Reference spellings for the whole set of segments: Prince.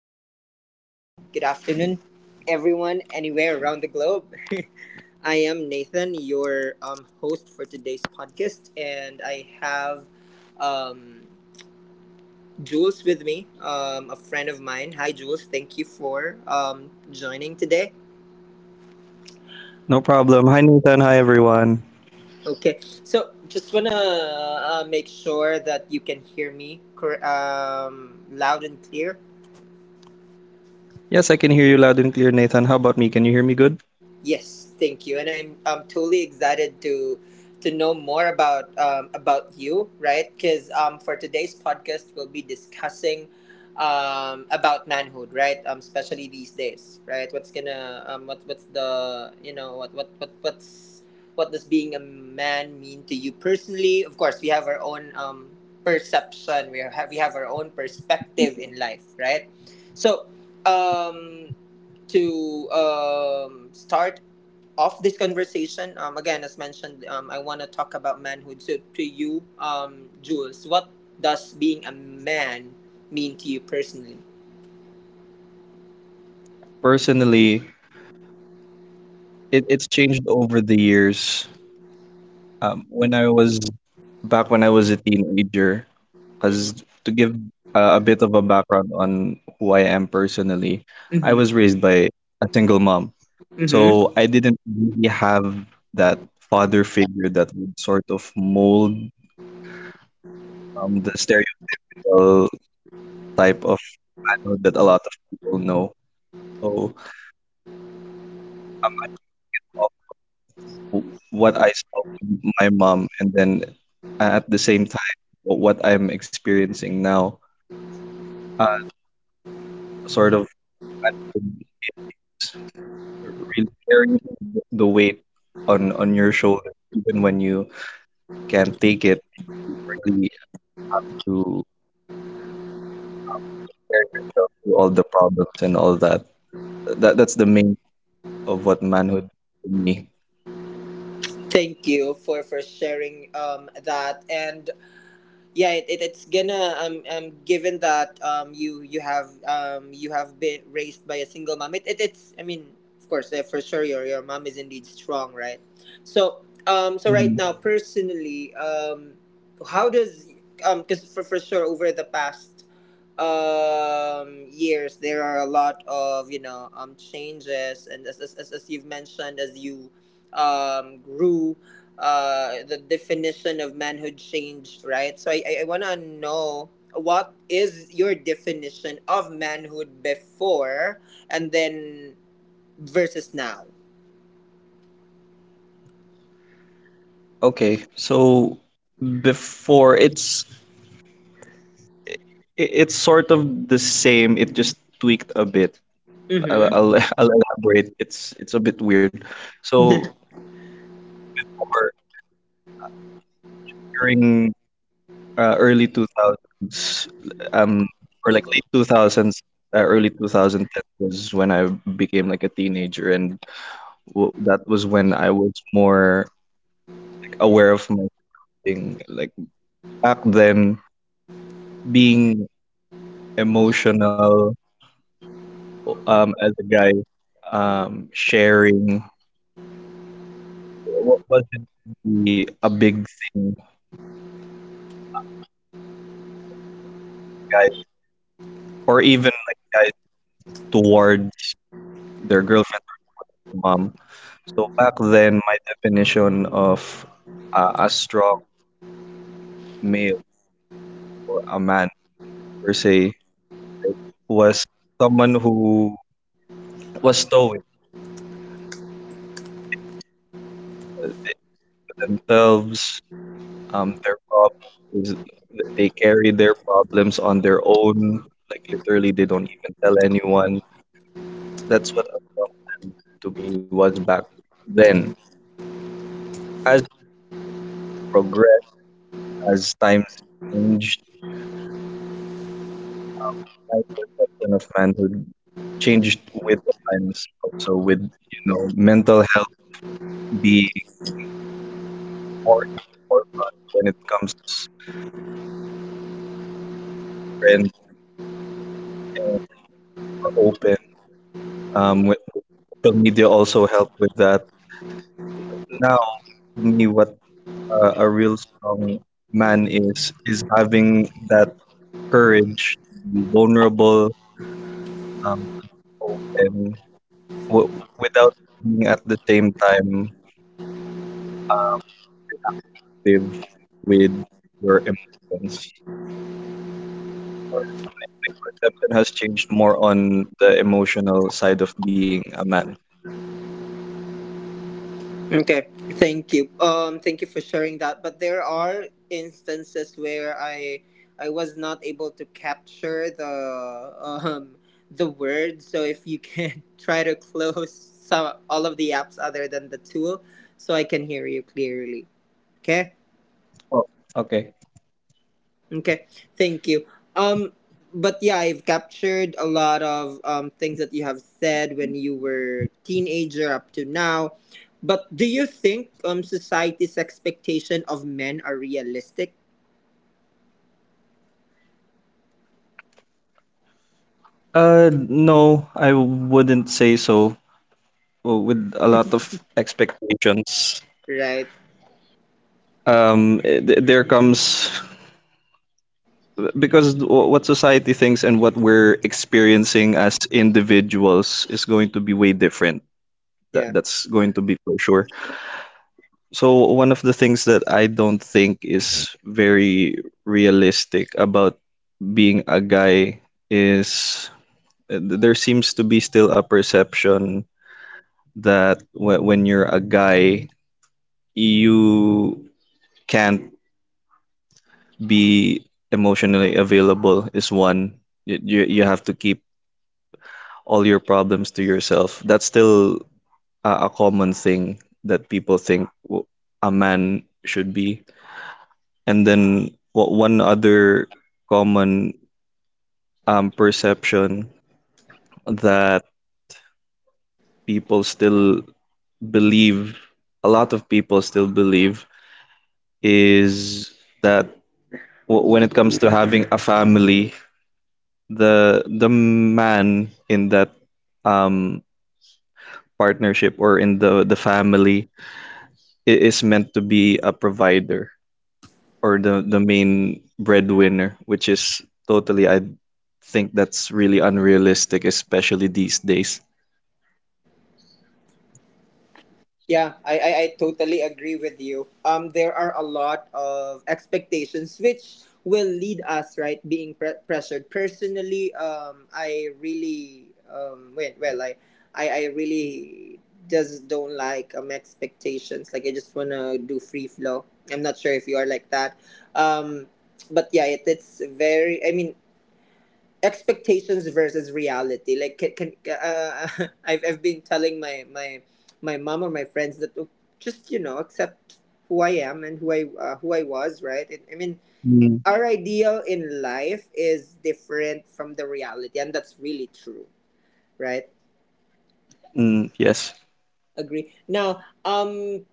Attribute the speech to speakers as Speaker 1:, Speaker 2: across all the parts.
Speaker 1: Um. Morning. Good afternoon, everyone, anywhere around the globe. I am Nathan, your host for today's podcast, and I have um Jules with me, a friend of mine. Hi, Jules. Thank you for joining today.
Speaker 2: No problem. Hi, Nathan. Hi, everyone.
Speaker 1: Okay. So just wanna make sure that you can hear me loud and clear.
Speaker 2: Yes, I can hear you loud and clear, Nathan. How about me? Can you hear me good?
Speaker 1: Yes, thank you, and I'm totally excited to know more about you, right? Because for today's podcast, we'll be discussing about manhood, right? Especially these days, right? What's gonna what what's the What does being a man mean to you personally? Of course, we have our own perception. We have our own perspective in life, right? So. Um, to start off this conversation, again, as mentioned, I want to talk about manhood. So, to you, Jules, what does being a man mean to you personally?
Speaker 2: Personally, it's changed over the years. When I was Back when I was a teenager,
Speaker 1: Mm-hmm.
Speaker 2: because to give a bit of a background on who I am personally, I was
Speaker 1: Mm-hmm.
Speaker 2: raised by a single mom.
Speaker 1: Mm-hmm.
Speaker 2: So I didn't really have that father figure that would sort of mold the stereotypical type of manhood that a lot of people know. So I'm basing it off of w- what I saw with my mom, and then at the same time, what I'm experiencing now. So for me, sort of manhood is really carrying the weight on your shoulder, even when you can't take it. You really have to prepare yourself to all the problems and all that. That's the main thing of what manhood is to me.
Speaker 1: Thank you for sharing that. And, yeah, it, it's gonna given that you have you have been raised by a single mom. It's I mean, of course, for sure your mom is indeed strong, right? So, so right now personally, how does because for sure over the past years there are a lot of changes. And as you've mentioned, as you grew, the definition of manhood changed, right? So I want to know what is your definition of manhood before and then versus now.
Speaker 2: Okay, so before, it's sort of the same. It just tweaked a bit. I'll,
Speaker 1: Mm-hmm.
Speaker 2: I'll, I'll elaborate. It's a bit weird. So before, during early 2000s, or like late 2000s, early 2010 was when I became like a teenager, and w that was when I was more like aware of my surrounding. Like back then, being emotional, as a guy, sharing wasn't really a big thing between guys or even like guys towards their girlfriends or towards their mom. So back then, my definition of a strong male or a man per se, right, was someone who was stoic, meaning to say they keep to themselves. Um, their problems is they carry their problems on their own. Like literally, they don't even tell anyone. That's what a strong man to me was back then. As we progress, as times changed, um, my perception of manhood changed with the times, also with, you know, mental health being more in the forefront when it comes to the trend, and being more open, with social media also help with that. Now, to me, what a real strong man is having that courage to be vulnerable, to be open, without being at the same time reactive with your emotions. It's more, my perception has changed more on the emotional side of being a man.
Speaker 1: Okay. Thank you. Thank you for sharing that. But there are instances where I was not able to capture the word. So if you can try to close some all of the apps other than the tool, so I can hear you clearly. Okay.
Speaker 2: Oh, okay.
Speaker 1: Okay. Thank you. Um but yeah, I've captured a lot of things that you have said when you were teenager up to now. But do you think society's expectation of men are realistic?
Speaker 2: No, I wouldn't say so. Well, with a lot of expectations,
Speaker 1: Right?
Speaker 2: there comes, because what society thinks and what we're experiencing as individuals is going to be way different. That
Speaker 1: Yeah.
Speaker 2: that's going to be for sure. So one of the things that I don't think is very realistic about being a guy is, there seems to be still a perception that, when you're a guy, you can't be emotionally available is one. You have to keep all your problems to yourself. That's still a common thing that people think a man should be. And then what one other common, perception that people still believe, a lot of people still believe, is that, when it comes to having a family, the man in that, um, partnership or in the family is meant to be a provider or the main breadwinner, which is totally, I think that's really unrealistic, especially these days.
Speaker 1: Yeah, I totally agree with you. There are a lot of expectations which will lead us right being pressured. Personally, I really well I really just don't like expectations. Like, I just wanna do free flow. I'm not sure if you are like that. Um, but yeah, it, it's very. I mean, expectations versus reality like can I've been telling my mom or my friends that, "Oh, just accept who I am and who I was, right? I mean,
Speaker 2: Mm.
Speaker 1: our ideal in life is different from the reality, and that's really true, right?"
Speaker 2: Mm, yes.
Speaker 1: Agree. Now, um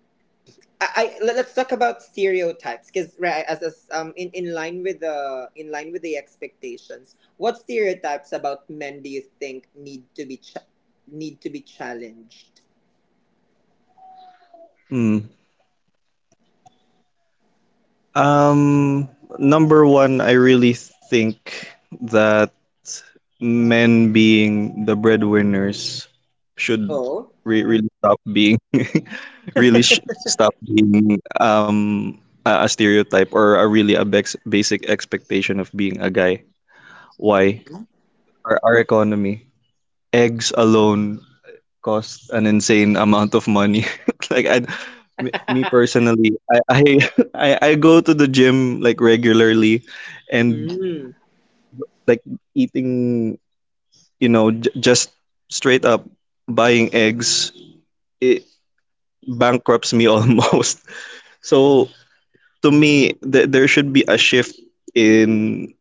Speaker 1: I, I let- let's talk about stereotypes, because, right, as in line with the expectations, what stereotypes about men do you think need to be need to be challenged?
Speaker 2: Mm. Um, number one, I really think that men being the breadwinners should
Speaker 1: Oh. Mhm.
Speaker 2: really stop being really stop being a stereotype or a really a basic expectation of being a guy. Why?
Speaker 1: Mhm.
Speaker 2: Our economy, eggs alone cost an insane amount of money. like I, me personally, I I go to the gym like regularly, and
Speaker 1: Mm.
Speaker 2: like eating, you know, just straight up buying eggs, it bankrupts me almost. So to me, there should be a shift in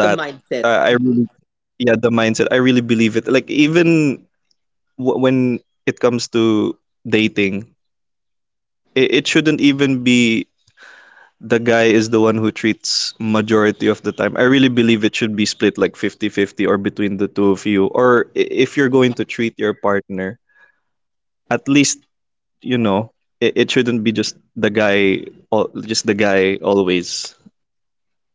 Speaker 1: The mindset.
Speaker 2: Uh, I really, yeah, the mindset. I really believe it. Like even when it comes to dating, it shouldn't even be the guy is the one who treats majority of the time. I really believe it should be split like 50-50 or between the two of you. Or if you're going to treat your partner, at least, you know, it shouldn't be just the guy, just the guy always.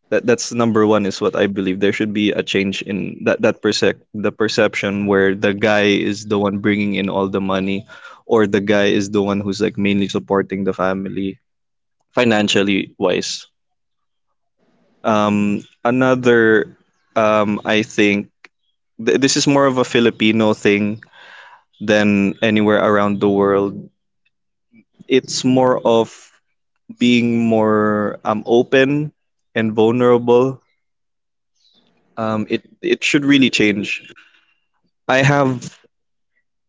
Speaker 2: That that's number one is what I believe. There should be a change in that that percep the perception where the guy is the one bringing in all the money, or the guy is the one who's like mainly supporting the family financially wise. Um, another, I think this is more of a Filipino thing than anywhere around the world. It's more of being more, um, open and vulnerable. It it should really change. I have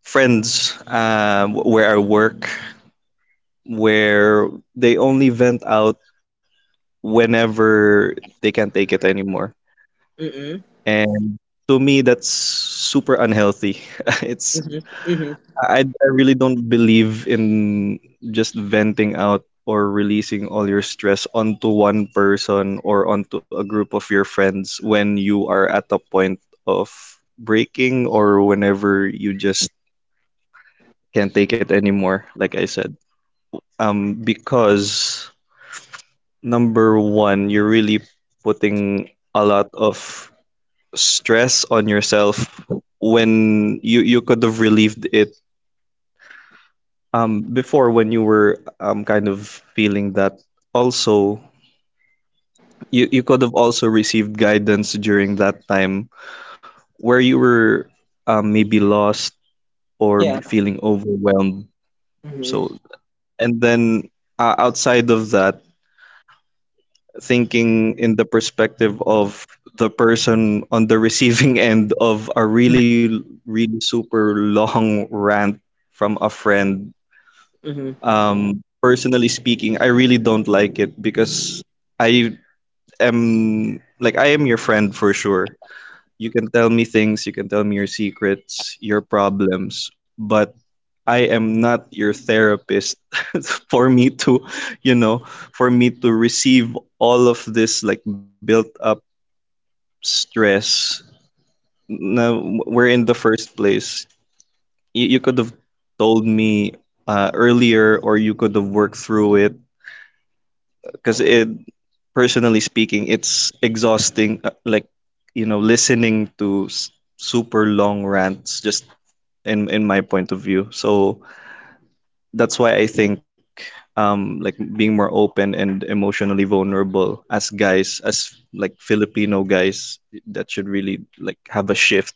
Speaker 2: friends, where I work, where they only vent out whenever they can't take it anymore.
Speaker 1: Mm-hmm.
Speaker 2: And to me, that's super unhealthy. it's
Speaker 1: Mm-hmm. Mm-hmm.
Speaker 2: I really don't believe in just venting out or releasing all your stress onto one person or onto a group of your friends when you are at a point of breaking or whenever you just can't take it anymore, like I said. Because number one, you're really putting a lot of stress on yourself when you could have relieved it, um, before when you were, um, kind of feeling that. Also, you could have also received guidance during that time where you were, um, maybe lost or be
Speaker 1: Yeah.
Speaker 2: feeling overwhelmed. So,
Speaker 1: Mm-hmm.
Speaker 2: and then, outside of that, thinking in the perspective of the person on the receiving end of a really, really super long rant from a friend.
Speaker 1: Mm-hmm.
Speaker 2: Personally speaking, I really don't like it because I I am your friend for sure. You can tell me things, you can tell me your secrets, your problems, but I am not your therapist. For me to, you know, for me to receive all of this like built up stress na we in the first place. You could have told me, earlier, or you could have worked through it. Because it, personally speaking, it's exhausting. Like, you know, listening to super long rants, just in my point of view. So that's why I think, um, like being more open and emotionally vulnerable as guys, as like Filipino guys, that should really like have a shift.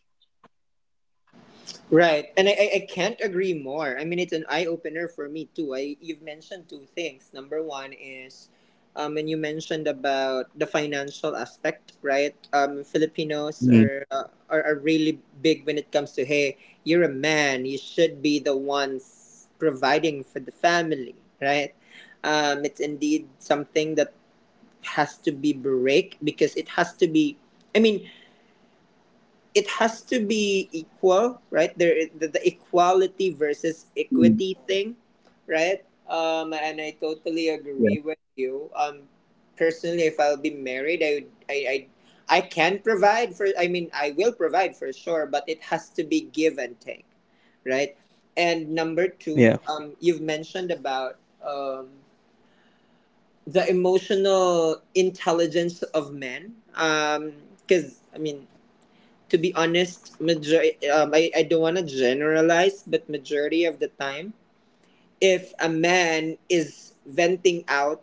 Speaker 1: Right, and I can't agree more. I mean, it's an eye opener for me too. I You've mentioned two things. Number one is, when you mentioned about the financial aspect, right? Filipinos
Speaker 2: Mm.
Speaker 1: are really big when it comes to, hey, you're a man, you should be the ones providing for the family, right? It's indeed something that has to be break because it has to be. I mean, it has to be equal, right? The equality
Speaker 2: Mm,
Speaker 1: versus equity thing, right? And I
Speaker 2: yeah,
Speaker 1: totally agree with you. Personally, if I'll be married, I can provide for. I mean, I will provide for sure, but it has to be give and take, right? And number
Speaker 2: yeah,
Speaker 1: two, you've mentioned about um, the emotional intelligence of men. Because I mean, to be honest, I don't want to generalize, but majority of the time, if a man is venting out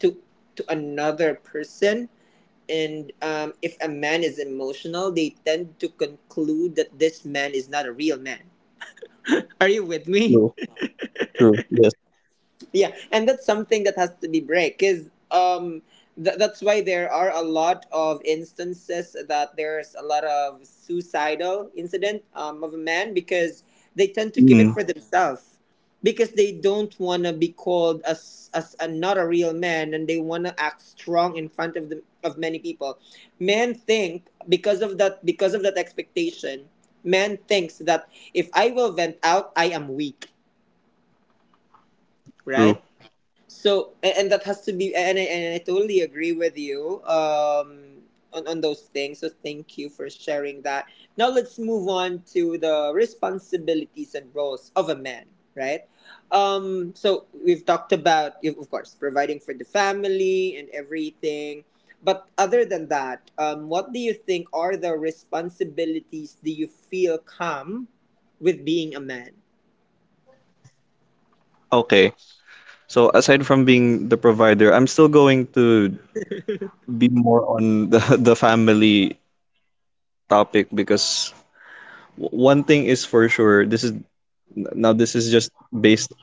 Speaker 1: to to another person, and if a man is emotional, they tend to conclude that this man is not a real man. Are you with me?
Speaker 2: true, yes.
Speaker 1: Yeah, and that's something that has to be break because that's why there are a lot of instances that there's a lot of suicidal incident of a man, because they tend to keep
Speaker 2: Mm,
Speaker 1: it for themselves, because they don't want to be called as not a real man, and they want to act strong in front of the of many people. Men think because of that expectation, man thinks that if I will vent out, I am weak,
Speaker 2: true.
Speaker 1: right? So and that has to be, and I totally agree with you on those things. So thank you for sharing that. Now let's move on to the responsibilities and roles of a man, right? So, we've talked about, of course, providing for the family and everything. But other than that, what do you think are the responsibilities do you feel come with being a man?
Speaker 2: Okay. So aside from being the provider, I'm still going to be more on the the family topic because, one thing is for sure, this is now, this is just based,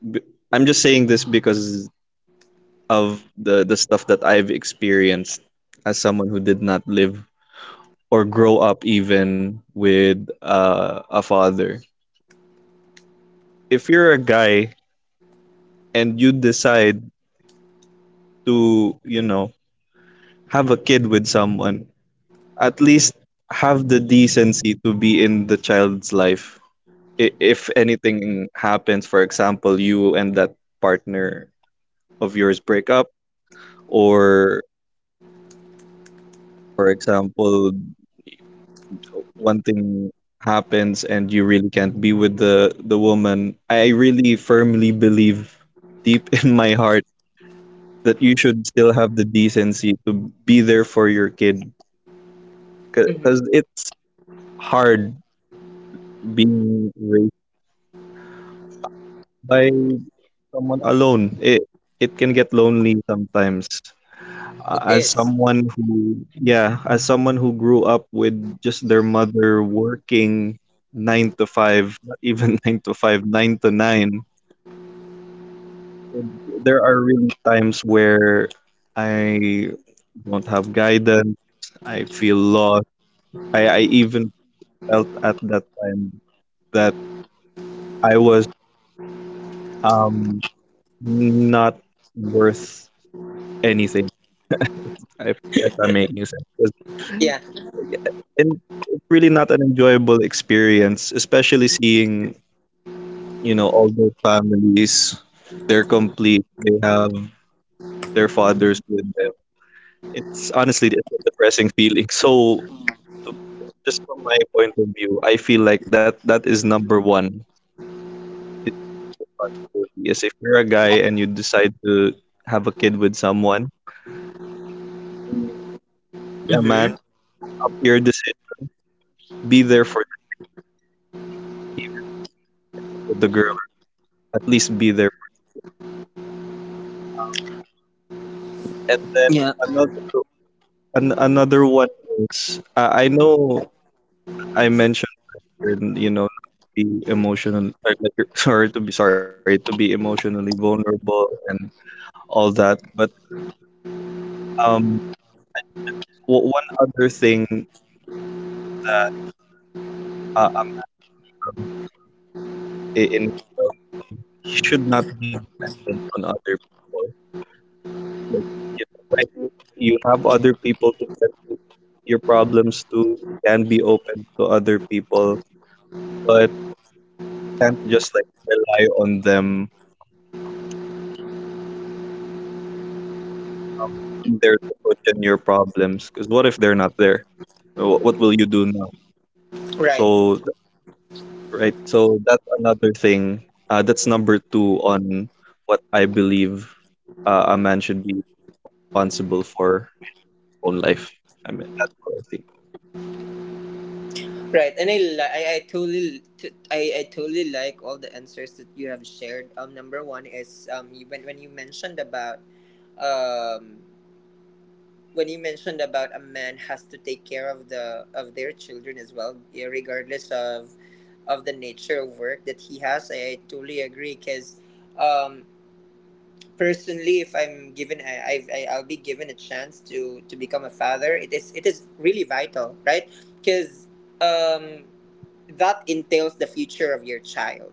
Speaker 2: b- I'm just saying this because of the stuff that I've experienced as someone who did not live or grow up even with a father. If you're a guy and you decide to, you know, have a kid with someone, at least have the decency to be in the child's life. If anything happens, for example, you and that partner of yours break up, or for example, one thing happens and you really can't be with the woman, I really firmly believe deep in my heart that you should still have the decency to be there for your kid,
Speaker 1: Mm-hmm.
Speaker 2: because it's hard being raised by someone alone. It can get lonely sometimes.
Speaker 1: It
Speaker 2: As
Speaker 1: is.
Speaker 2: someone who Yeah, as someone who grew up with just their mother working nine to five, not even nine to five, nine to nine. There are really times where I don't have guidance. I feel lost. I even felt at that time that I was, um, not worth anything. If I'm making sense. 'Cause
Speaker 1: Yeah.
Speaker 2: and it's really not an enjoyable experience, especially seeing, you know, all those families. They're complete. They have their fathers with them. It's honestly, it's a depressing feeling. So to, just from my point of view, I feel like that that is number one. It's responsibility. Is if you're a guy and you decide to have a kid with someone, be, be a
Speaker 1: Mm-hmm.
Speaker 2: man, own up to your decision, be there for the kid even if you break up with the girl or something, at least be there for them. Um, and then
Speaker 1: Yeah.
Speaker 2: another an, Another one is, I know I mentioned earlier, you know, not to be emotional or like, sorry to be emotionally vulnerable and all that, but, um, I just one other thing that a man should have in himself is he should not be dependent on other people. Like, you know, right? You have other people to vent your problems to. You can be open to other people, but you can't just like rely on them to, um, be there to cushion your problems. Because what if they're not there? What will you do now?
Speaker 1: Right.
Speaker 2: So th- right, so that's another thing. That's number two on what I believe a man should be, like, responsible for in his own life. I mean, that's all I think.
Speaker 1: Right, and I li- I totally t- I totally like all the answers that you have shared. Number one is, when you mentioned about, um a man has to take care of their children as well, yeah, regardless of the nature of work that he has. I totally agree because um personally, if I'm given I, I've- I I'll be given a chance to become a father, it is really vital, right? Because um that entails the future of your child.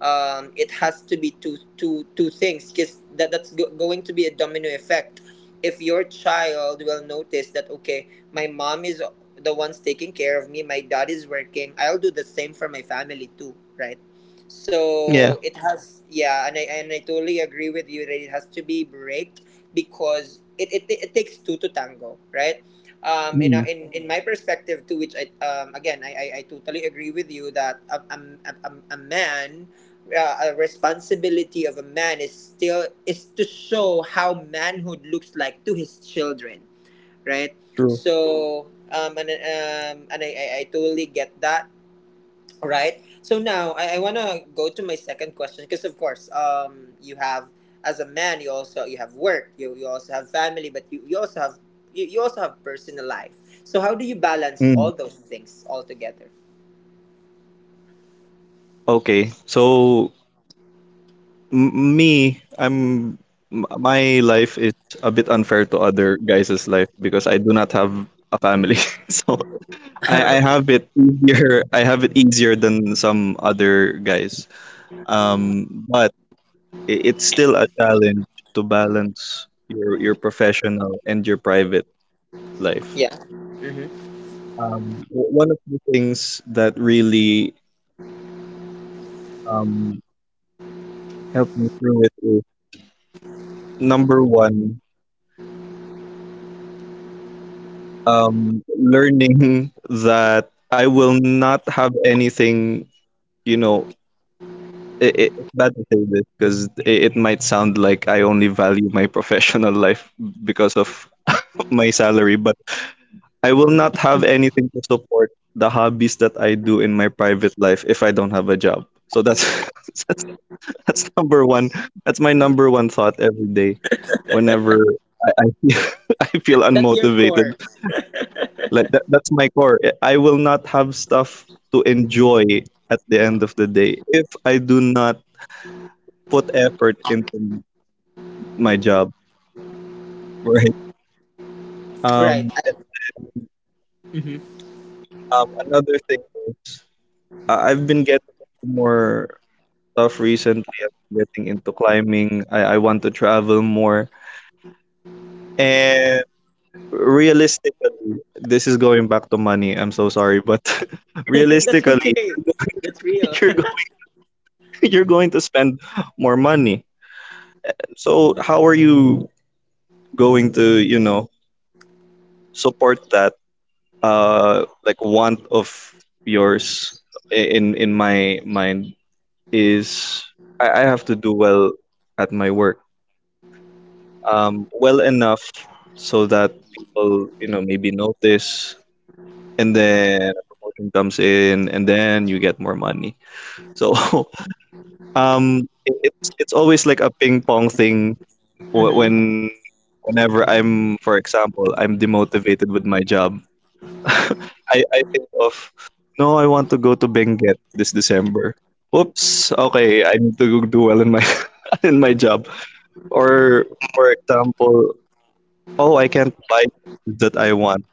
Speaker 1: It has to be two things because that's going to be a domino effect, if your child will notice that, okay, my mom is the one's taking care of me, my dad is working, I'll do the same for my family too, right?
Speaker 2: Yeah.
Speaker 1: So it has, yeah, and I totally agree with you that it has to be break, because it takes two to tango, right?
Speaker 2: Mm,
Speaker 1: In my perspective too, which I again I totally agree with you that a man, a responsibility of a man is still is to show how manhood looks like to his children, right?
Speaker 2: true.
Speaker 1: So, and I totally get that, right? So now, I want to go to my second question, because of course, you have as a man, you also you have work, you also have family, but you also have you also have personal life. So how do you balance
Speaker 2: Mm,
Speaker 1: all those things all together?
Speaker 2: okay. So me, I'm my life is a bit unfair to other guys' life because I do not have a family. So I have it easier. I have it easier than some other guys. But it's still a challenge to balance your professional and your private life.
Speaker 1: Yeah,
Speaker 2: W- one of the things that really um, helped me through it is number one. Learning that I will not have anything, you know, it's bad to say this because it might sound like I only value my professional life because of my salary, but I will not have anything to support the hobbies that I do in my private life if I don't have a job. So that's that's that's number one. That's my number one thought every day, whenever I I, I feel
Speaker 1: that's your
Speaker 2: unmotivated.
Speaker 1: core,
Speaker 2: Like that's my core. I will not have stuff to enjoy at the end of the day if I do not put effort into my job, right?
Speaker 1: right?
Speaker 2: And then another thing is I've been getting into more stuff recently. I've been getting into climbing. I want to travel more. And realistically, this is going back to money. I'm so sorry, but
Speaker 1: That's
Speaker 2: realistically,
Speaker 1: okay.
Speaker 2: you're going
Speaker 1: That's real.
Speaker 2: you're going you're going to spend more money. So how are you going to, you know, support that like want of yours in my mind is I have to do well at my work. Um, well enough so that people, you know, maybe notice and then a promotion comes in and then you get more money. So it's always like a ping pong thing. Wh-
Speaker 1: hmm
Speaker 2: when whenever I'm, for example, I'm demotivated with my job, I think of, no, I want to go to Benguet this December. Whoops, okay, I need to do well in my in my job. Or for example, oh, I can't buy the things that I want.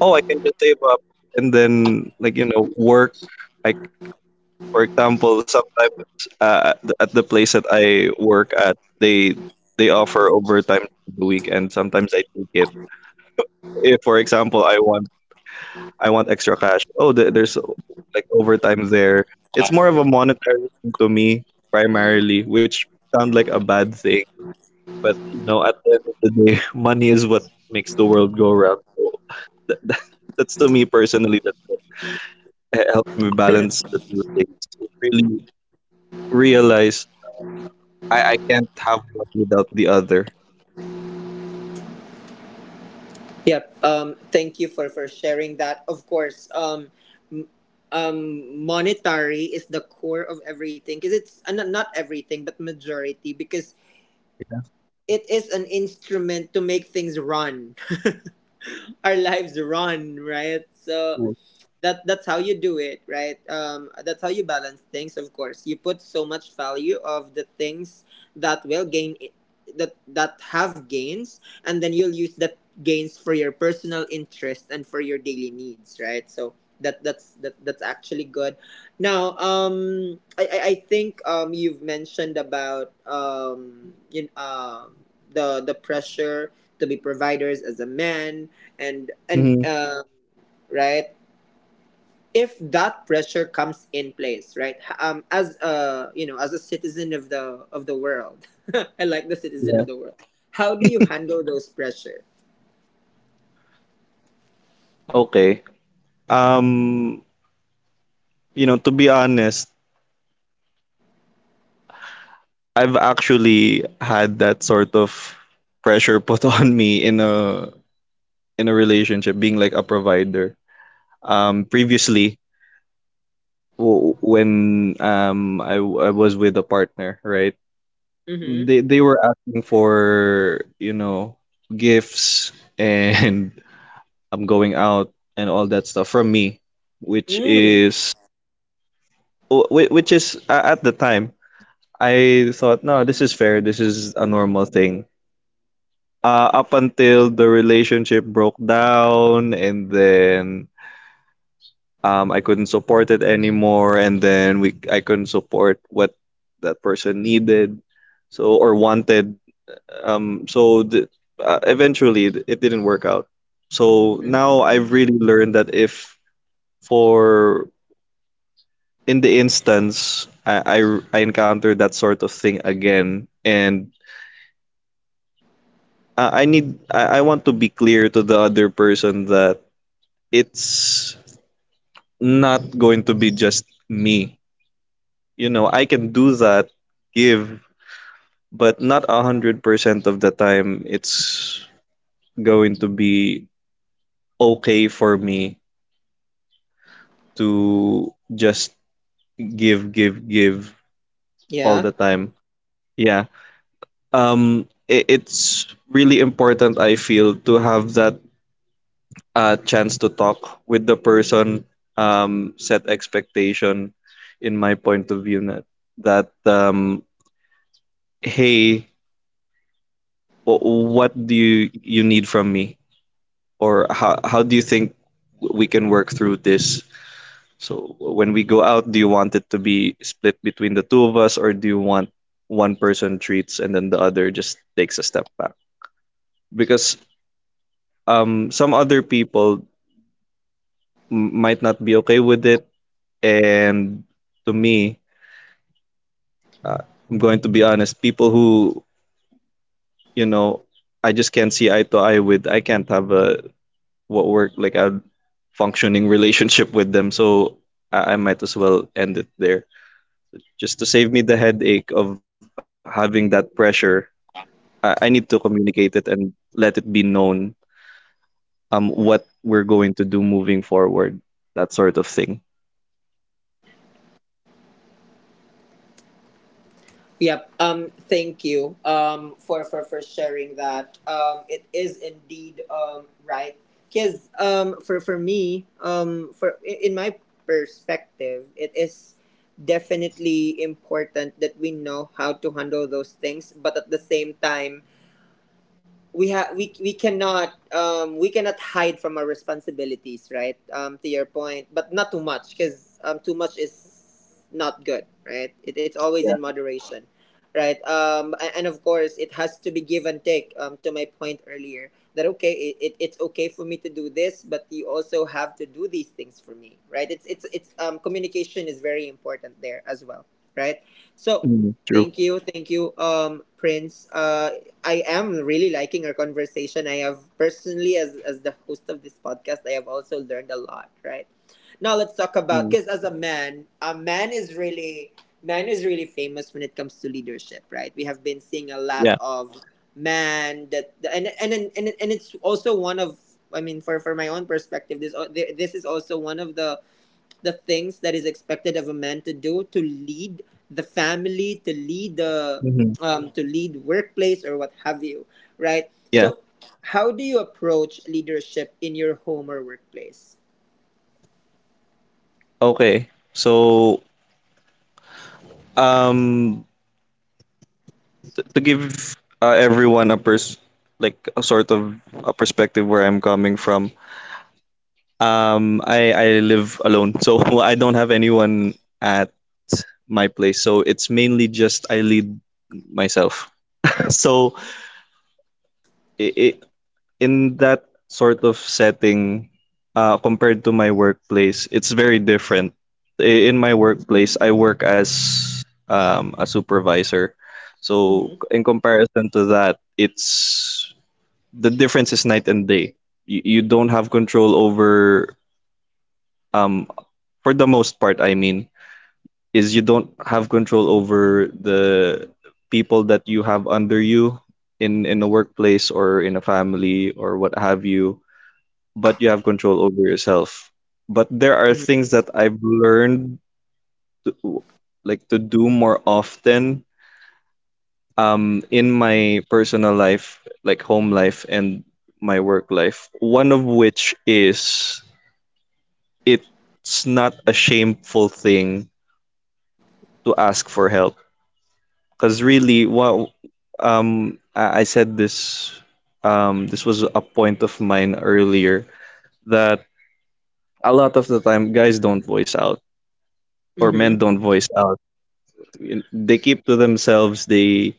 Speaker 2: Oh, I can just save up and then, like, you know, work. I for example, sometimes at the place that I work at, they offer overtime during the week, and sometimes I take it. If, for example, I want extra cash, oh, there's like overtime there. It's more of a monetary thing to me primarily, which may sound like a bad thing, but at the end of the day, money is what makes the world go round. So that, that, that's to me personally that what helped me balance the two things. It really realized I can't have one without the other.
Speaker 1: Yep. Thank you for sharing that. Of course, m- monetary is the core of everything, because it's not everything, but majority, because
Speaker 2: Yeah.
Speaker 1: it is an instrument to make things run. Our lives run, right? So
Speaker 2: Cool.
Speaker 1: that's how you do it, right? That's how you balance things. Of course, you put so much value of the things that will that have gains, and then you'll use that gains for your personal interest and for your daily needs, right? So that's actually good. Now, I think you've mentioned about the pressure to be providers as a man, and and
Speaker 2: Mhm.
Speaker 1: uh, right, if that pressure comes in place, right, as a, as a citizen of the world. I like the citizen
Speaker 2: Yeah.
Speaker 1: of the world. How do you handle those pressure?
Speaker 2: Okay. Um, you know, to be honest, I've actually had that sort of pressure put on me in a relationship, being like a provider. Previously, w- when I was with a partner, right?
Speaker 1: Mm-hmm.
Speaker 2: They were asking for, you know, gifts and I'm going out and all that stuff from me, which
Speaker 1: Mm.
Speaker 2: is which is at the time I thought, no, this is fair. This is a normal thing. Up until the relationship broke down, and then I couldn't support it anymore, and then we I couldn't support what that person needed, so or wanted. So eventually, it didn't work out. So now I've really learned that if for in the instance I encounter that sort of thing again, and I want to be clear to the other person that it's not going to be just me. You know, I can do that, give, but not 100% of the time it's going to be okay for me to just give, give, give all
Speaker 1: Yeah.
Speaker 2: the time. Yeah. It's really important I feel to have that, a chance to talk with the person, set expectation in my point of view that, that um, hey, what do you need from me? Or how do you think we can work through this? So when we go out, do you want it to be split between the two of us, or do you want one person treats and then the other just takes a step back? Because some other people might not be okay with it, and to me, uh, I'm going to be honest, people who, you know, I just can't see eye to eye with, I can't have a what work like a functioning relationship with them. So I might as well end it there. Just to save me the headache of having that pressure, I need to communicate it and let it be known what we're going to do moving forward, that sort of thing.
Speaker 1: Yep. Thank you for sharing that. It is indeed, right. Because, for me, in my perspective, it is definitely important that we know how to handle those things, but at the same time, we have we cannot hide from our responsibilities, right? To your point, but not too much, because, too much is not good, right? it, it's always in moderation, right? And, of course, it has to be give and take. To my point earlier, that okay, it's okay for me to do this, but you also have to do these things for me, right? It's Communication is very important there as well, right? So,
Speaker 2: Mm, true.
Speaker 1: thank you, thank you, Prince. I am really liking our conversation. I have personally, as the host of this podcast, I have also learned a lot. Right now, let's talk about
Speaker 2: Mm,
Speaker 1: because as a man is really famous when it comes to leadership. Right, we have been seeing a lot
Speaker 2: yeah.
Speaker 1: of man that and it's also one of for my own perspective, this is also one of the things that is expected of a man to do, to lead the family, to lead the
Speaker 2: Hmm.
Speaker 1: to lead workplace or what have you, right?
Speaker 2: Yeah.
Speaker 1: So, how do you approach leadership in your home or workplace?
Speaker 2: Okay. So um to give everyone a like a sort of perspective where I'm coming from. I live alone, so I don't have anyone at my place. So it's mainly just I lead myself. So I in that sort of setting, compared to my workplace, it's very different. I- In my workplace, I work as a supervisor. So
Speaker 1: Mm-hmm.
Speaker 2: in comparison to that, it's the difference is night and day. You don't have control over um for the most part I mean is you don't have control over the people that you have under you in a workplace or in a family or what have you, but you have control over yourself. But there are things
Speaker 1: Mm-hmm.
Speaker 2: that I've learned to, like to do more often in my personal life, like home life and my work life. One of which is it's not a shameful thing to ask for help, because really what I said this this was a point of mine earlier that a lot of the time guys don't voice out or men
Speaker 1: Mm-hmm.
Speaker 2: don't voice out. They keep to themselves. They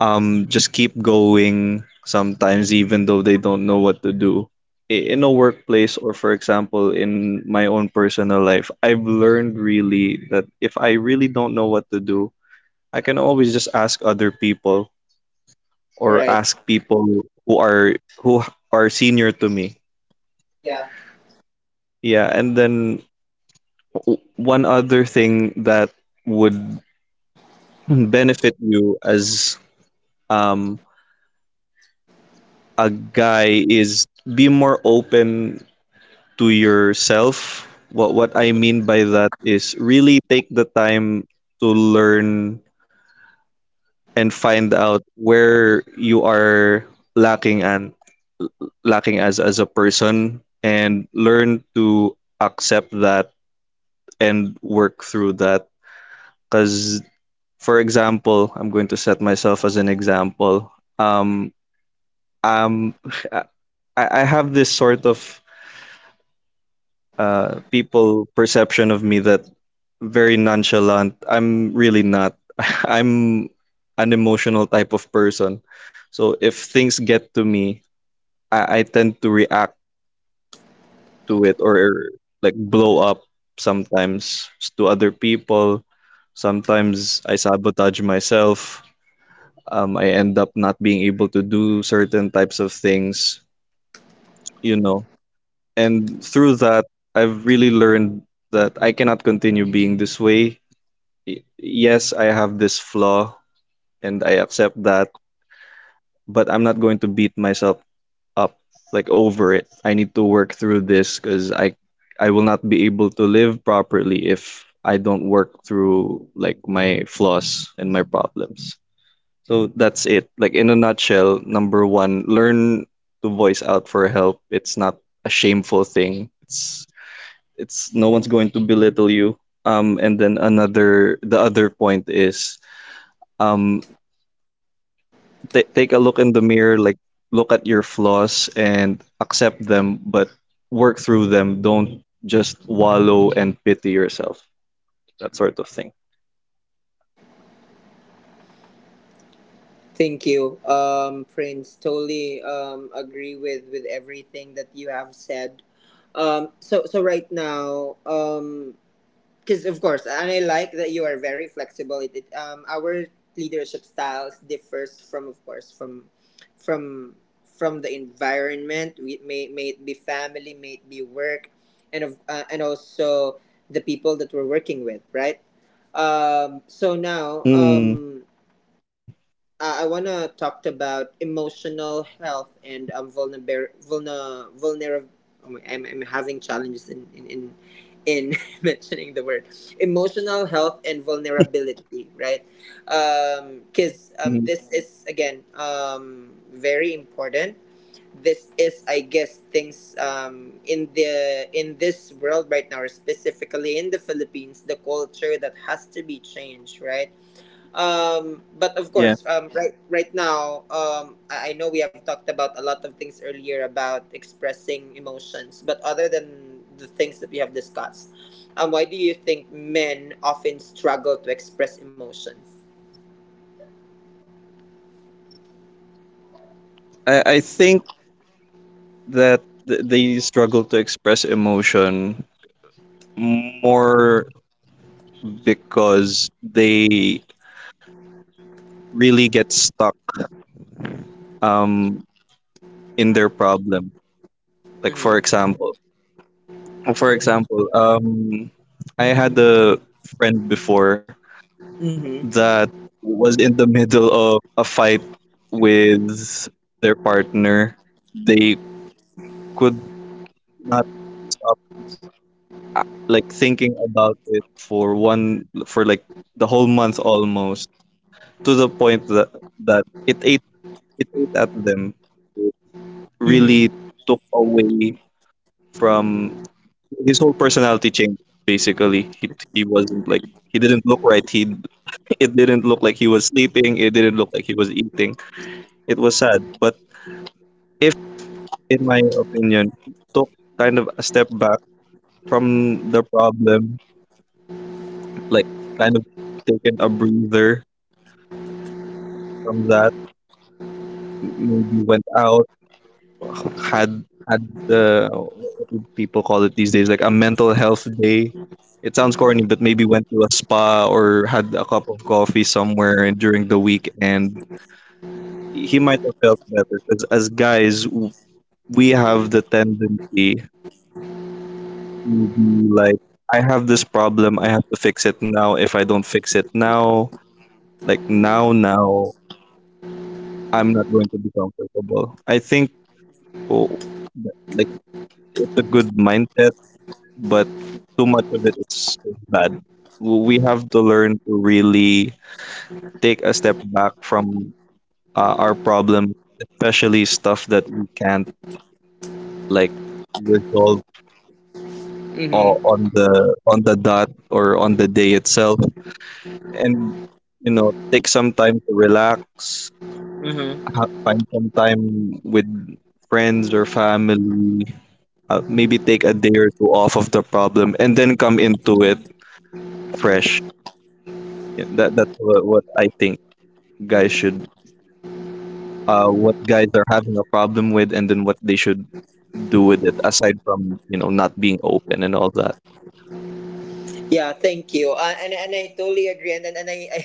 Speaker 2: just keep going sometimes even though they don't know what to do. In a workplace, or for example in my own personal life, I've learned really that if I really don't know what to do, I can always just ask other people, or
Speaker 1: Right.
Speaker 2: ask people who are senior to me.
Speaker 1: Yeah.
Speaker 2: Yeah, and then one other thing that would benefit you as um, a guy is be more open to yourself. What I mean by that is really take the time to learn and find out where you are lacking, and lacking as a person, and learn to accept that and work through that, because for example I'm going to set myself as an example. um um I have this sort of people perception of me that very nonchalant, I'm really not. I'm an emotional type of person, so if things get to me, I tend to react to it or like blow up sometimes to other people. Sometimes I sabotage myself. I end up not being able to do certain types of things, you know. And through that, I've really learned that I cannot continue being this way. Yes, I have this flaw and I accept that, but I'm not going to beat myself up, like over it. I need to work through this because I will not be able to live properly if I don't work through like my flaws and my problems. So that's it. Like in a nutshell, number one, learn to voice out for help. It's not a shameful thing. It's no one's going to belittle you. And then another the other point is um ta take a look in the mirror, like look at your flaws and accept them, but work through them. Don't just wallow and pity yourself. That sort of thing.
Speaker 1: Thank you, Prince. Totally agree with everything that you have said. So right now, because of course, and I like that you are very flexible. Our leadership styles differs from of course, from from the environment, we may it be family, may it be work, and also the people that we're working with, right?
Speaker 2: Mm.
Speaker 1: So now I want to talk about emotional health and vulner- vulner- vulner- Oh my, I'm having challenges in, in mentioning the word emotional health and vulnerability, right?
Speaker 2: Mhm.
Speaker 1: Because this is, again, very important. This is, I guess, things in this world right now, or specifically in the Philippines, the culture that has to be changed, right?
Speaker 2: Yeah,
Speaker 1: But of course, right now, I know we have talked about a lot of things earlier about expressing emotions, but other than the things that we have discussed, why do you think men often struggle to express emotions?
Speaker 2: I think that they struggle to express emotion more because they really get stuck um, in their problem. Like for
Speaker 1: Mm-hmm.
Speaker 2: example, for example, um, I had a friend before
Speaker 1: Mm-hmm.
Speaker 2: that was in the middle of a fight with their partner. They could not stop like thinking about it for one for like the whole month almost, to the point that that it ate it ate at them. It really took away from his whole personality change basically. He wasn't like he didn't look right. He it didn't look like he was sleeping. It didn't look like he was eating. It was sad. But if, in my opinion, took kind of a step back from the problem, like kind of taken a breather from that, maybe went out, had the what do people call it these days, like a mental health day. It sounds corny, but maybe went to a spa or had a cup of coffee somewhere during the week, and he might have felt better. Because as guys, we have the tendency to be like, I have this problem, I have to fix it now. If I don't fix it now, like now, now, I'm not going to be comfortable. I think oh, like it's a good mindset, but too much of it is bad. We have to learn to really take a step back from our problem, especially stuff that we can't like resolve o-
Speaker 1: Mm-hmm.
Speaker 2: on the on the dot or on the day itself, and you know, take some time to relax,
Speaker 1: Mm-hmm.
Speaker 2: find some time with friends or family, maybe take a day or two off of the problem and then come into it fresh. Yeah, that's what I think guys should what guys are having a problem with and then what they should do with it aside from you know not being open and all that.
Speaker 1: Yeah, thank you. And I totally agree. And, I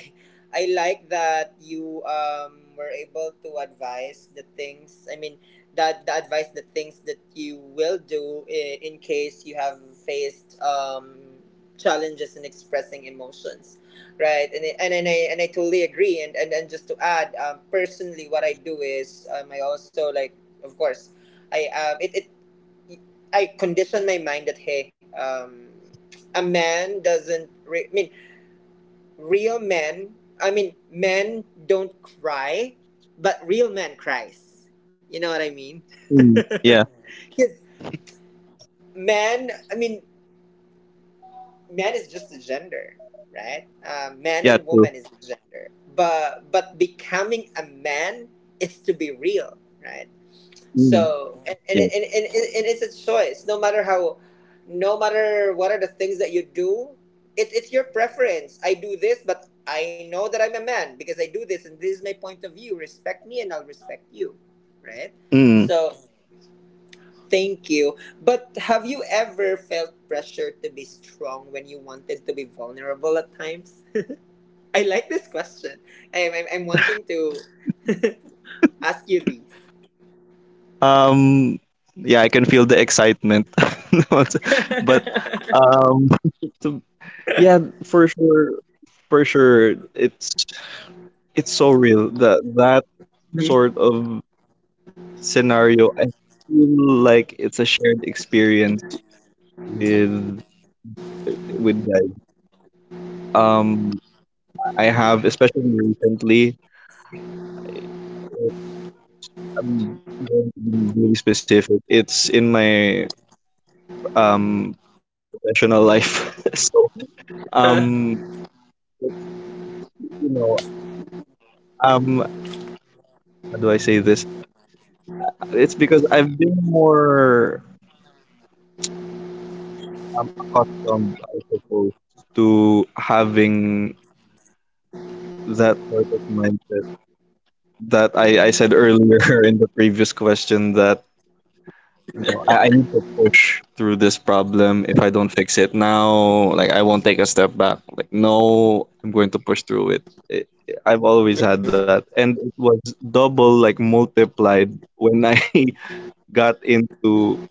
Speaker 1: I like that you were able to advise the things. I mean that the advice, the things that you will do in case you have faced challenges in expressing emotions, right? And, I totally agree. And just to add, personally, what I do is, I also like, of course. I it, it I conditioned my mind that, hey, a man doesn't. I mean, real men. I mean, men don't cry, but real man cries. You know what I mean?
Speaker 2: Mm. Yeah.
Speaker 1: Because man, I mean, man is just a gender, right? Man
Speaker 2: Yeah,
Speaker 1: and
Speaker 2: true.
Speaker 1: woman is a gender, but becoming a man is to be real, right?
Speaker 2: mm.
Speaker 1: So,
Speaker 2: yeah
Speaker 1: and it's a choice. No matter what are the things that you do, it's your preference. I do this, but I know that I'm a man because I do this, and this is my point of view. Respect me, and I'll respect you, right?
Speaker 2: mm.
Speaker 1: So, thank you. But have you ever felt pressure to be strong when you wanted to be vulnerable at times? I like this question. I'm wanting to ask you these.
Speaker 2: Um, yeah, I can feel the excitement. But um, so, yeah, for sure, it's so real, that that sort
Speaker 1: Mhm.
Speaker 2: of scenario. I feel like it's a shared experience with with guys. Um, I have especially recently. I'm going to be really specific. It's in my um professional life, so
Speaker 1: Uh,
Speaker 2: um, you know, um, how do I say this? It's because I've been more accustomed, I suppose, to having that sort of mindset that I said earlier in the previous question that you know, I need to push through this problem. If I don't fix it now, like I won't take a step back. Like no, I'm going to push through it. I've always had that, and it was double, like multiplied when I got into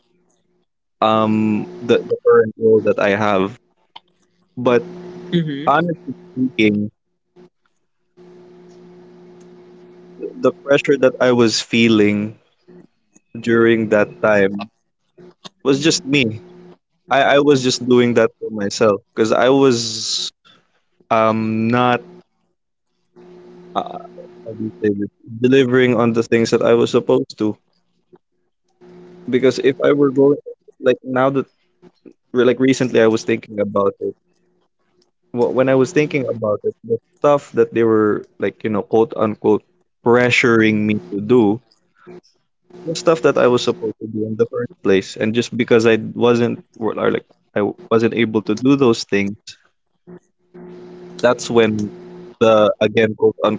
Speaker 2: the current role that I have. But
Speaker 1: mhm.
Speaker 2: honestly speaking, the pressure that I was feeling during that time was just me. I was just doing that for myself because I was not uh, how do you say this? Delivering on the things that I was supposed to. Because if I were going like now that like recently I was thinking about it. When I was thinking about it, the stuff that they were like you know quote unquote pressuring me to do, the stuff that I was supposed to do in the first place. And just because I wasn't or like I wasn't able to do those things, that's when the, again, quote unquote,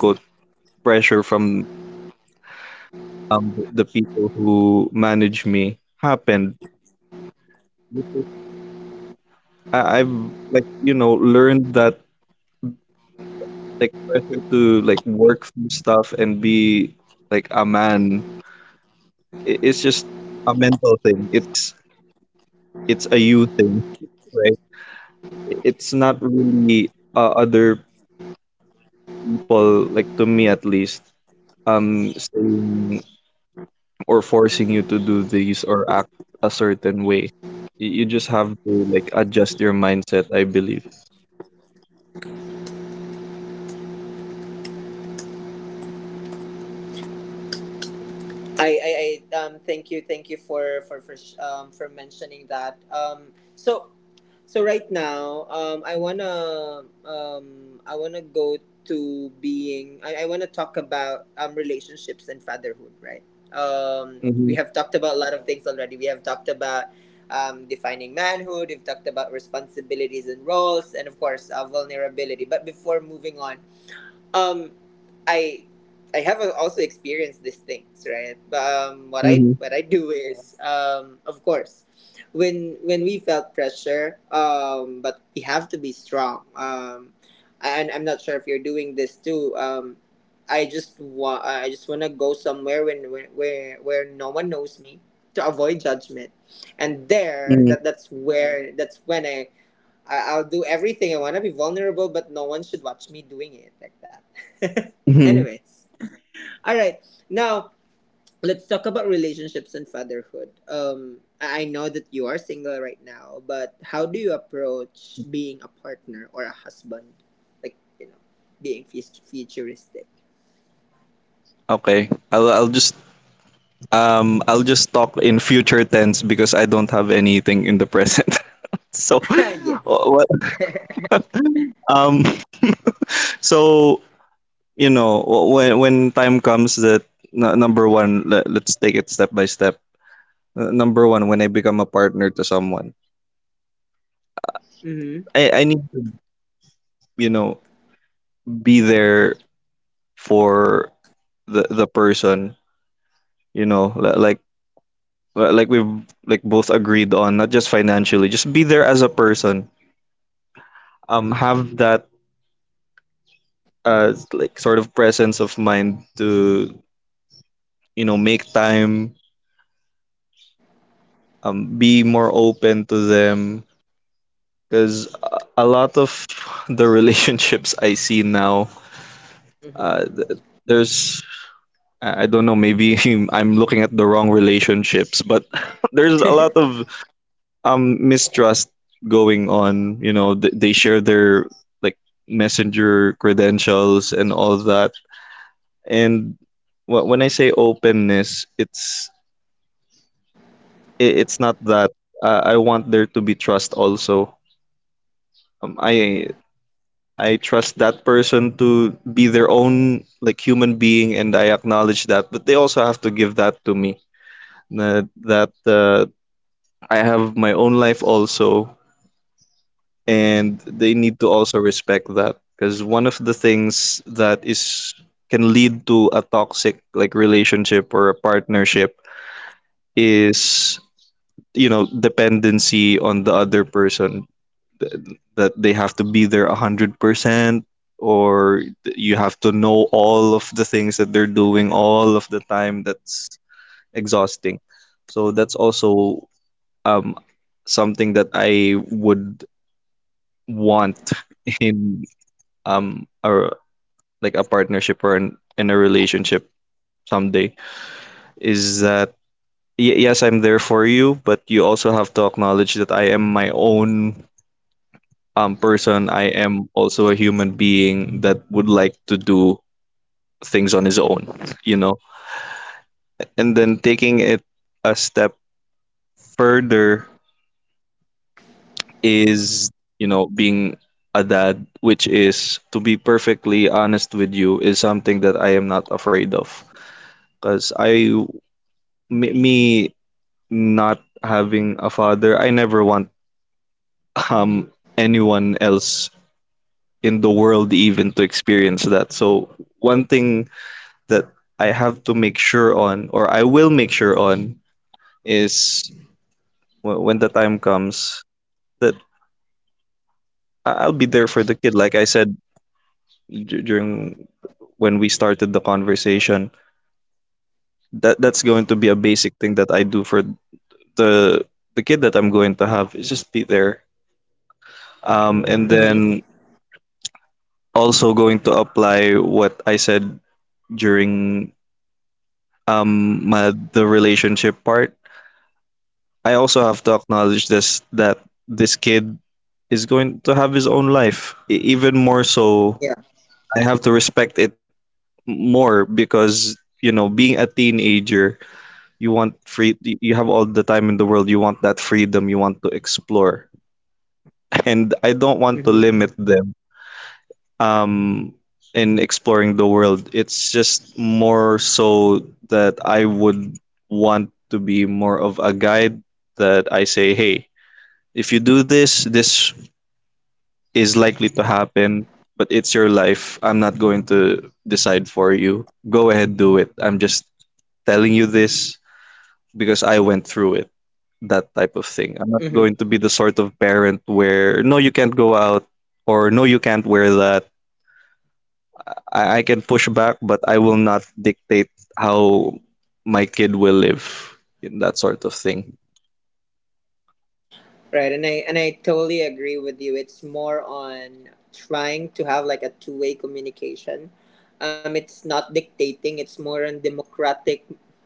Speaker 2: pressure from the people who manage me happened. I've like you know learned that like pressure to like work through stuff and be like a man. It's just a mental thing. It's a you thing, right? It's not really other people, like to me at least, saying or forcing you to do this or act a certain way. You just have to like adjust your mindset, I believe.
Speaker 1: I, I, I thank you for mentioning that. So right now, I wanna go to being I wanna talk about relationships and fatherhood, right? We
Speaker 2: Mm-hmm.
Speaker 1: have talked about a lot of things already. We have talked about defining manhood. We've talked about responsibilities and roles and, of course, vulnerability, but before moving on, um, I have also experienced these things, right? But
Speaker 2: Mm-hmm.
Speaker 1: what I do is, of course, when we felt pressure, but we have to be strong. And I'm not sure if you're doing this too. I just wanna go somewhere when where no one knows me to avoid judgment, and there that that's where, that's when I'll do everything. I want to be vulnerable, but no one should watch me doing it like that.
Speaker 2: Mm-hmm.
Speaker 1: Anyways, all right. Now let's talk about relationships and fatherhood. I know that you are single right now, but how do you approach being a partner or a husband? Like, you know, being futuristic.
Speaker 2: Okay, I'll just I'll just talk in future tense because I don't have anything in the present. So,
Speaker 1: Yes.
Speaker 2: what um so you know when time comes that number one, let, let's take it step by step. Number one, when I become a partner to someone,
Speaker 1: Mm-hmm.
Speaker 2: I need to you know be there for the person you know like like we've like both agreed on, not just financially, just be there as a person, have that like sort of presence of mind to you know make time, be more open to them, because a lot of the relationships I see now uh
Speaker 1: Mm-hmm.
Speaker 2: th- there's I don't know, maybe I'm looking at the wrong relationships, but there's a lot of mistrust going on, you know, they share their like messenger credentials and all that. And when I say openness it's it's not that I want there to be trust also. um, i I trust that person to be their own like human being and I acknowledge that, but they also have to give that to me. That that I have my own life also, and they need to also respect that, because one of the things that is can lead to a toxic like relationship or a partnership is you know dependency on the other person. th- that they have to be there 100%, or you have to know all of the things that they're doing all of the time, that's exhausting. So that's also um, something that I would want in a like a partnership or an, in a relationship someday, is that yes, I'm there for you, but you also have to acknowledge that I am my own person. I am also a human being that would like to do things on his own, you know. And then taking it a step further is you know being a dad, which, is to be perfectly honest with you, is something that I am not afraid of, because me not having a father, I never want um anyone else in the world even to experience that. So one thing that I have to make sure on, or I will make sure on, is when the time comes that I'll be there for the kid. Like I said during when we started the conversation, that that's going to be a basic thing that I do for the the kid that I'm going to have is just be there. And
Speaker 1: Mm-hmm.
Speaker 2: then also going to apply what I said during my the relationship part. I also have to acknowledge this, that this kid is going to have his own life. Even more so,
Speaker 1: Yeah.
Speaker 2: I have to respect it more, because you know, being a teenager, you want you have all the time in the world. You want that freedom, you want to explore. And I don't want to
Speaker 1: Mm-hmm.
Speaker 2: limit them, um, in exploring the world. It's just more so that I would want to be more of a guide, that I say, hey, if you do this, this is likely to happen, but it's your life. I'm not going to decide for you. Go ahead, do it. I'm just telling you this because I went through it. That type of thing. I'm not
Speaker 1: Mm-hmm.
Speaker 2: going to be the sort of parent where, no, you can't go out, or no, you can't wear that. I can push back, but I will not dictate how my kid will live, in that sort of thing.
Speaker 1: Right, and I totally agree with you. It's more on trying to have like a two-way communication. It's not dictating. It's more on democratic,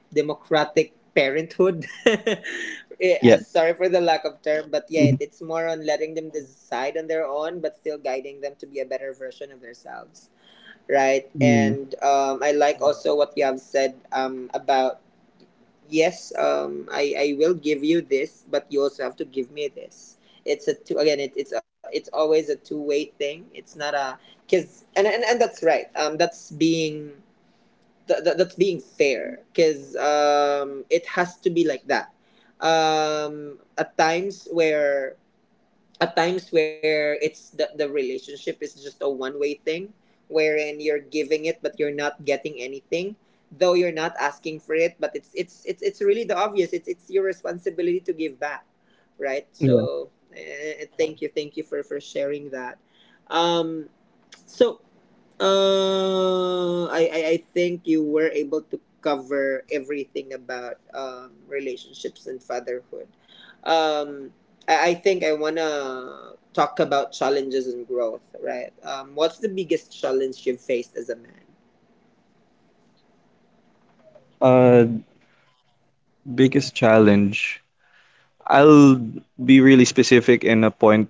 Speaker 1: parenthood.
Speaker 2: Yeah.
Speaker 1: Sorry for the lack of term, but
Speaker 2: Mhm.
Speaker 1: yeah, it, it's more on letting them decide on their own, but still guiding them to be a better version of themselves. Right,
Speaker 2: Mm.
Speaker 1: and I like also what you have said about, yes, I will give you this, but you also have to give me this. It's a two again. It's a, it's always a two-way thing. It's not a because and that's right. That's being that's being fair because it has to be like that. At times where, it's the relationship is just a one way thing, wherein you're giving it but you're not getting anything, though you're not asking for it, but it's really the obvious. It's your responsibility to give back, right?
Speaker 2: Yeah.
Speaker 1: So thank you, for sharing that. um so I think you were able to cover everything about relationships and fatherhood. um, I think I wanna talk about challenges and growth, right? What's the biggest challenge you've faced as a man?
Speaker 2: Uh, biggest challenge. I'll be really specific in a point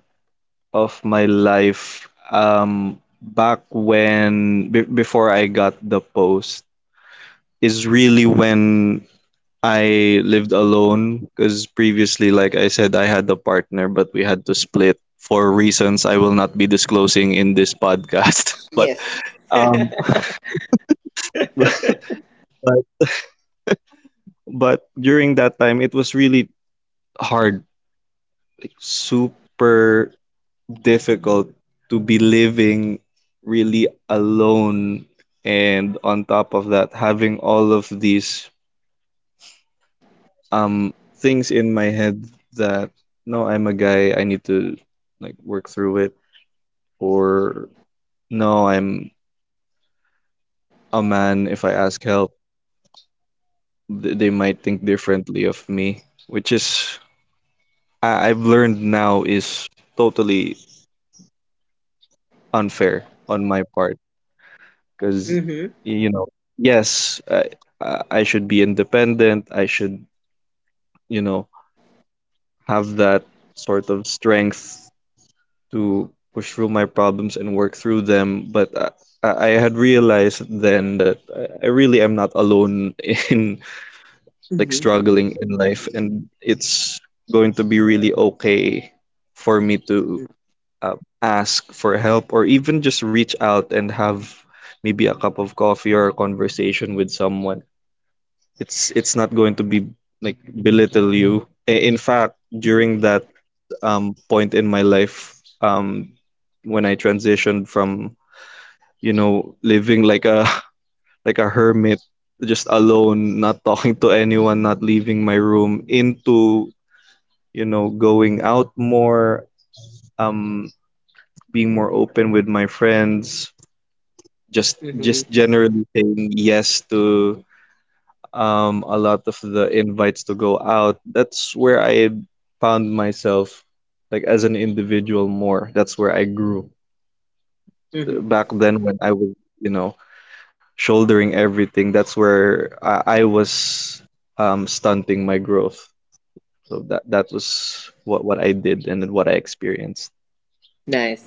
Speaker 2: of my life. Back when before I got the post is really when I lived alone, because previously, like I said, I had a partner, but we had to split for reasons I will not be disclosing in this podcast. But
Speaker 1: Yes.
Speaker 2: um, but but but during that time, it was really hard, super difficult to be living really alone, and on top of that, having all of these um things in my head that no, I'm a guy, I need to like work through it, or no, I'm a man. If I ask help, they might think differently of me, which is I've learned now is totally unfair on my part, because
Speaker 1: Mhm.
Speaker 2: you know, yes, I should be independent. I should you know have that sort of strength to push through my problems and work through them. But. I had realized then that I really am not alone in like
Speaker 1: Mhm.
Speaker 2: struggling in life, and it's going to be really okay for me to uh, ask for help, or even just reach out and have maybe a cup of coffee or a conversation with someone. It's not going to be like belittle you. In fact, during that point in my life, when I transitioned from you know living like a like a hermit, just alone, not talking to anyone, not leaving my room, into you know, going out more, um, being more open with my friends,
Speaker 1: Mhm.
Speaker 2: just generally saying yes to a lot of the invites to go out, that's where I found myself, like as an individual more. That's where I grew.
Speaker 1: Mhm.
Speaker 2: Back then, when I was, you know, shouldering everything, that's where I was stunting my growth. So that was what I did and what I experienced.
Speaker 1: Nice.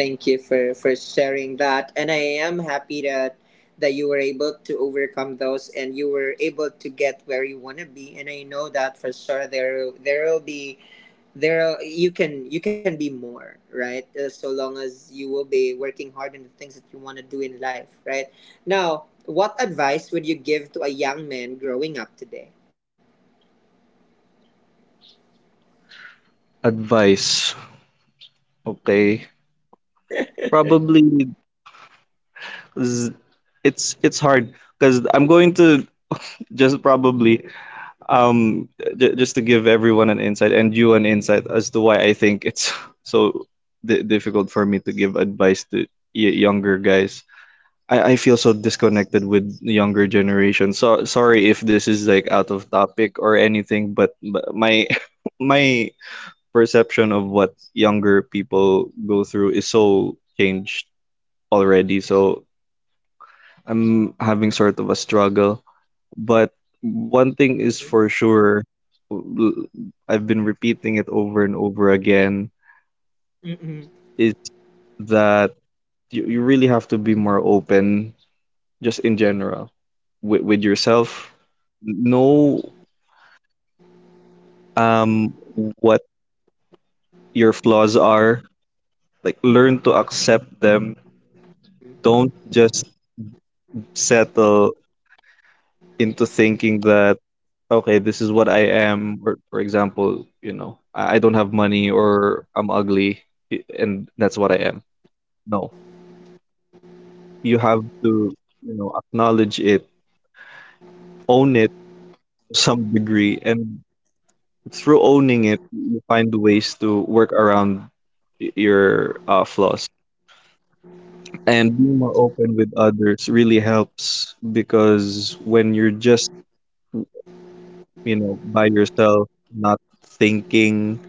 Speaker 1: Thank you for sharing that, and I am happy that you were able to overcome those and you were able to get where you want to be. And I know that for sure, there will be there. You can be more, right? So long as you will be working hard in the things that you want to do in life, right? Now, what advice would you give to a young man growing up today?
Speaker 2: Advice. Okay. Probably z- it's hard because I'm going to just probably um j just to give everyone an insight and you an insight as to why I think it's so di difficult for me to give advice to y younger guys. I feel so disconnected with the younger generation. So sorry if this is like out of topic or anything, but my my perception of what younger people go through is so changed already. So I'm having sort of a struggle. But one thing is
Speaker 1: Hmm.
Speaker 2: for sure, l- I've been repeating it over and over again,
Speaker 1: Hmm.
Speaker 2: is that you really have to be more open just in general with yourself. Know um what your flaws are. Like learn to accept them. Don't just settle into thinking that, okay, this is what I am. Or, for example, you know, I don't have money or I'm ugly, and that's what I
Speaker 1: Hmm.
Speaker 2: am. No, you have to, you know, acknowledge it, own it to some degree, and through owning it, you find ways to work around your flaws. And being more open with others really helps because when you're just, you know, by yourself, not thinking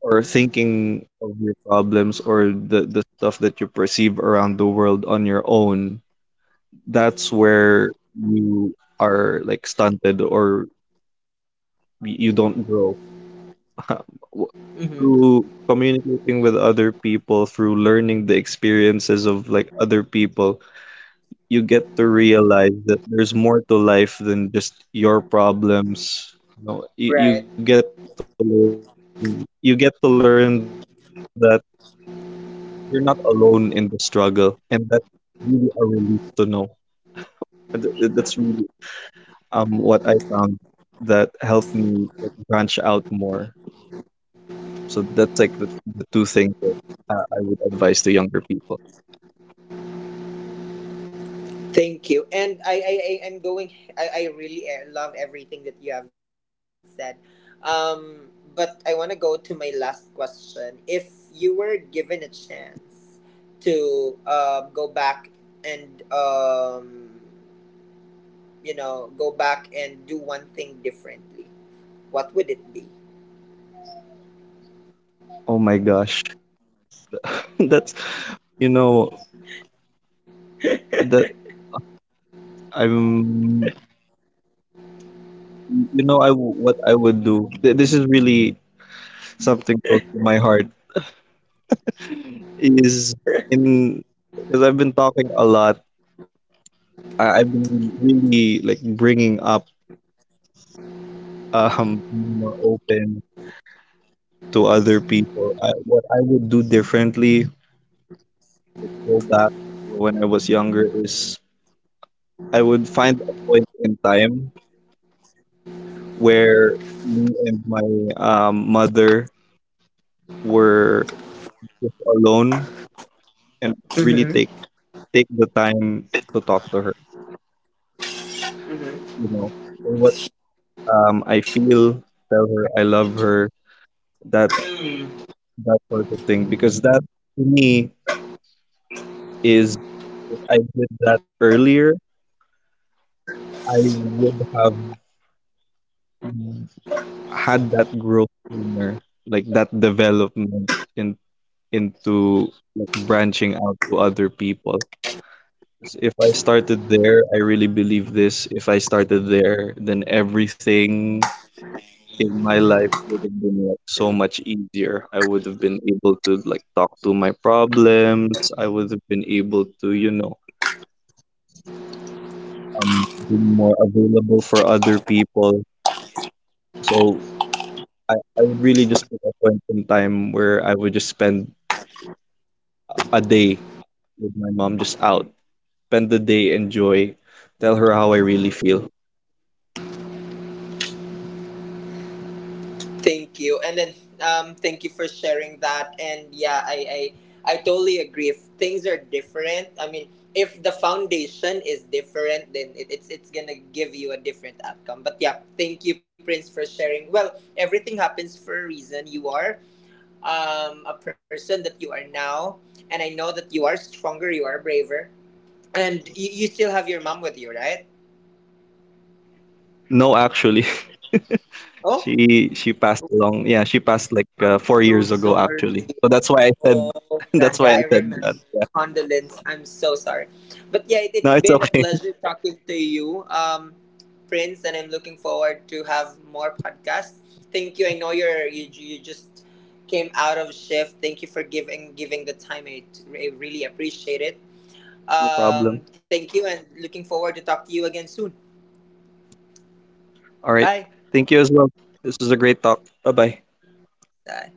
Speaker 2: or thinking of your problems or the stuff that you perceive around the world on your own, that's where you are like stunted or you don't grow.
Speaker 1: Hmm.
Speaker 2: Through communicating with other people, through learning the experiences of like other people, you get to realize that there's more to life than just your problems. You know, you,
Speaker 1: Right.
Speaker 2: you get to learn, you get to learn that you're not alone in the struggle, and that's really a relief to know. And that's really what I found that helped me like branch out more. So that's like the two things that I would advise to younger people.
Speaker 1: Thank you. And I'm going. I really love everything that you have said. But I want to go to my last question. If you were given a chance to, go back and, you know, go back and do one thing differently, what would it be?
Speaker 2: Oh my gosh, that's, you know, that, I'm, you know, I what I would do. This is really something close to my heart is, in, because I've been talking a lot, I've been really like bringing up being more open to other people. I, what I would do differently, go back when I was younger, is I would find a point in time where me and my mother were just alone and really
Speaker 1: Mm-hmm.
Speaker 2: take the time to talk to her.
Speaker 1: Mm-hmm.
Speaker 2: You know what, I feel, tell her I love her, that, that sort of thing. Because that to me is, I did that earlier, I would have had that growth sooner, like that development in, into like branching out to other people. 'Cause if I started there, I really believe this. If I started there, then everything in my life would have been like so much easier. I would have been able to like talk to my problems. I would have been able to, you know, be more available for other people. So I would really just pick a point in time where I would just spend a day with my mom just out. Spend the day, enjoy, tell her how I really feel.
Speaker 1: Thank you. And then thank you for sharing that. And yeah, I totally agree. If things are different, I mean, if the foundation is different, then it's gonna give you a different outcome. But yeah, thank you, Prince, for sharing. Well, everything happens for a reason. You are a person that you are now, and I know that you are stronger, you are braver, and you still have your mom with you, right?
Speaker 2: No, actually, she
Speaker 1: Oh,
Speaker 2: she passed along. Yeah, she passed like four
Speaker 1: I'm
Speaker 2: years
Speaker 1: so
Speaker 2: ago, actually.
Speaker 1: sorry.
Speaker 2: So that's why I said,
Speaker 1: Oh,
Speaker 2: that's why I
Speaker 1: Raga, I
Speaker 2: said that.
Speaker 1: remember.
Speaker 2: Yeah.
Speaker 1: Condolence. I'm so sorry. But yeah,
Speaker 2: No,
Speaker 1: it's
Speaker 2: it's
Speaker 1: been a
Speaker 2: okay.
Speaker 1: pleasure talking to you, Prince, and I'm looking forward to have more podcasts. Thank you. I know you just came out of shift. Thank you for giving the time. I really appreciate it.
Speaker 2: No problem.
Speaker 1: Thank you, and looking forward to talk to you again soon.
Speaker 2: All right.
Speaker 1: Bye.
Speaker 2: Thank you as well. This was a great talk. Bye bye.
Speaker 1: Bye.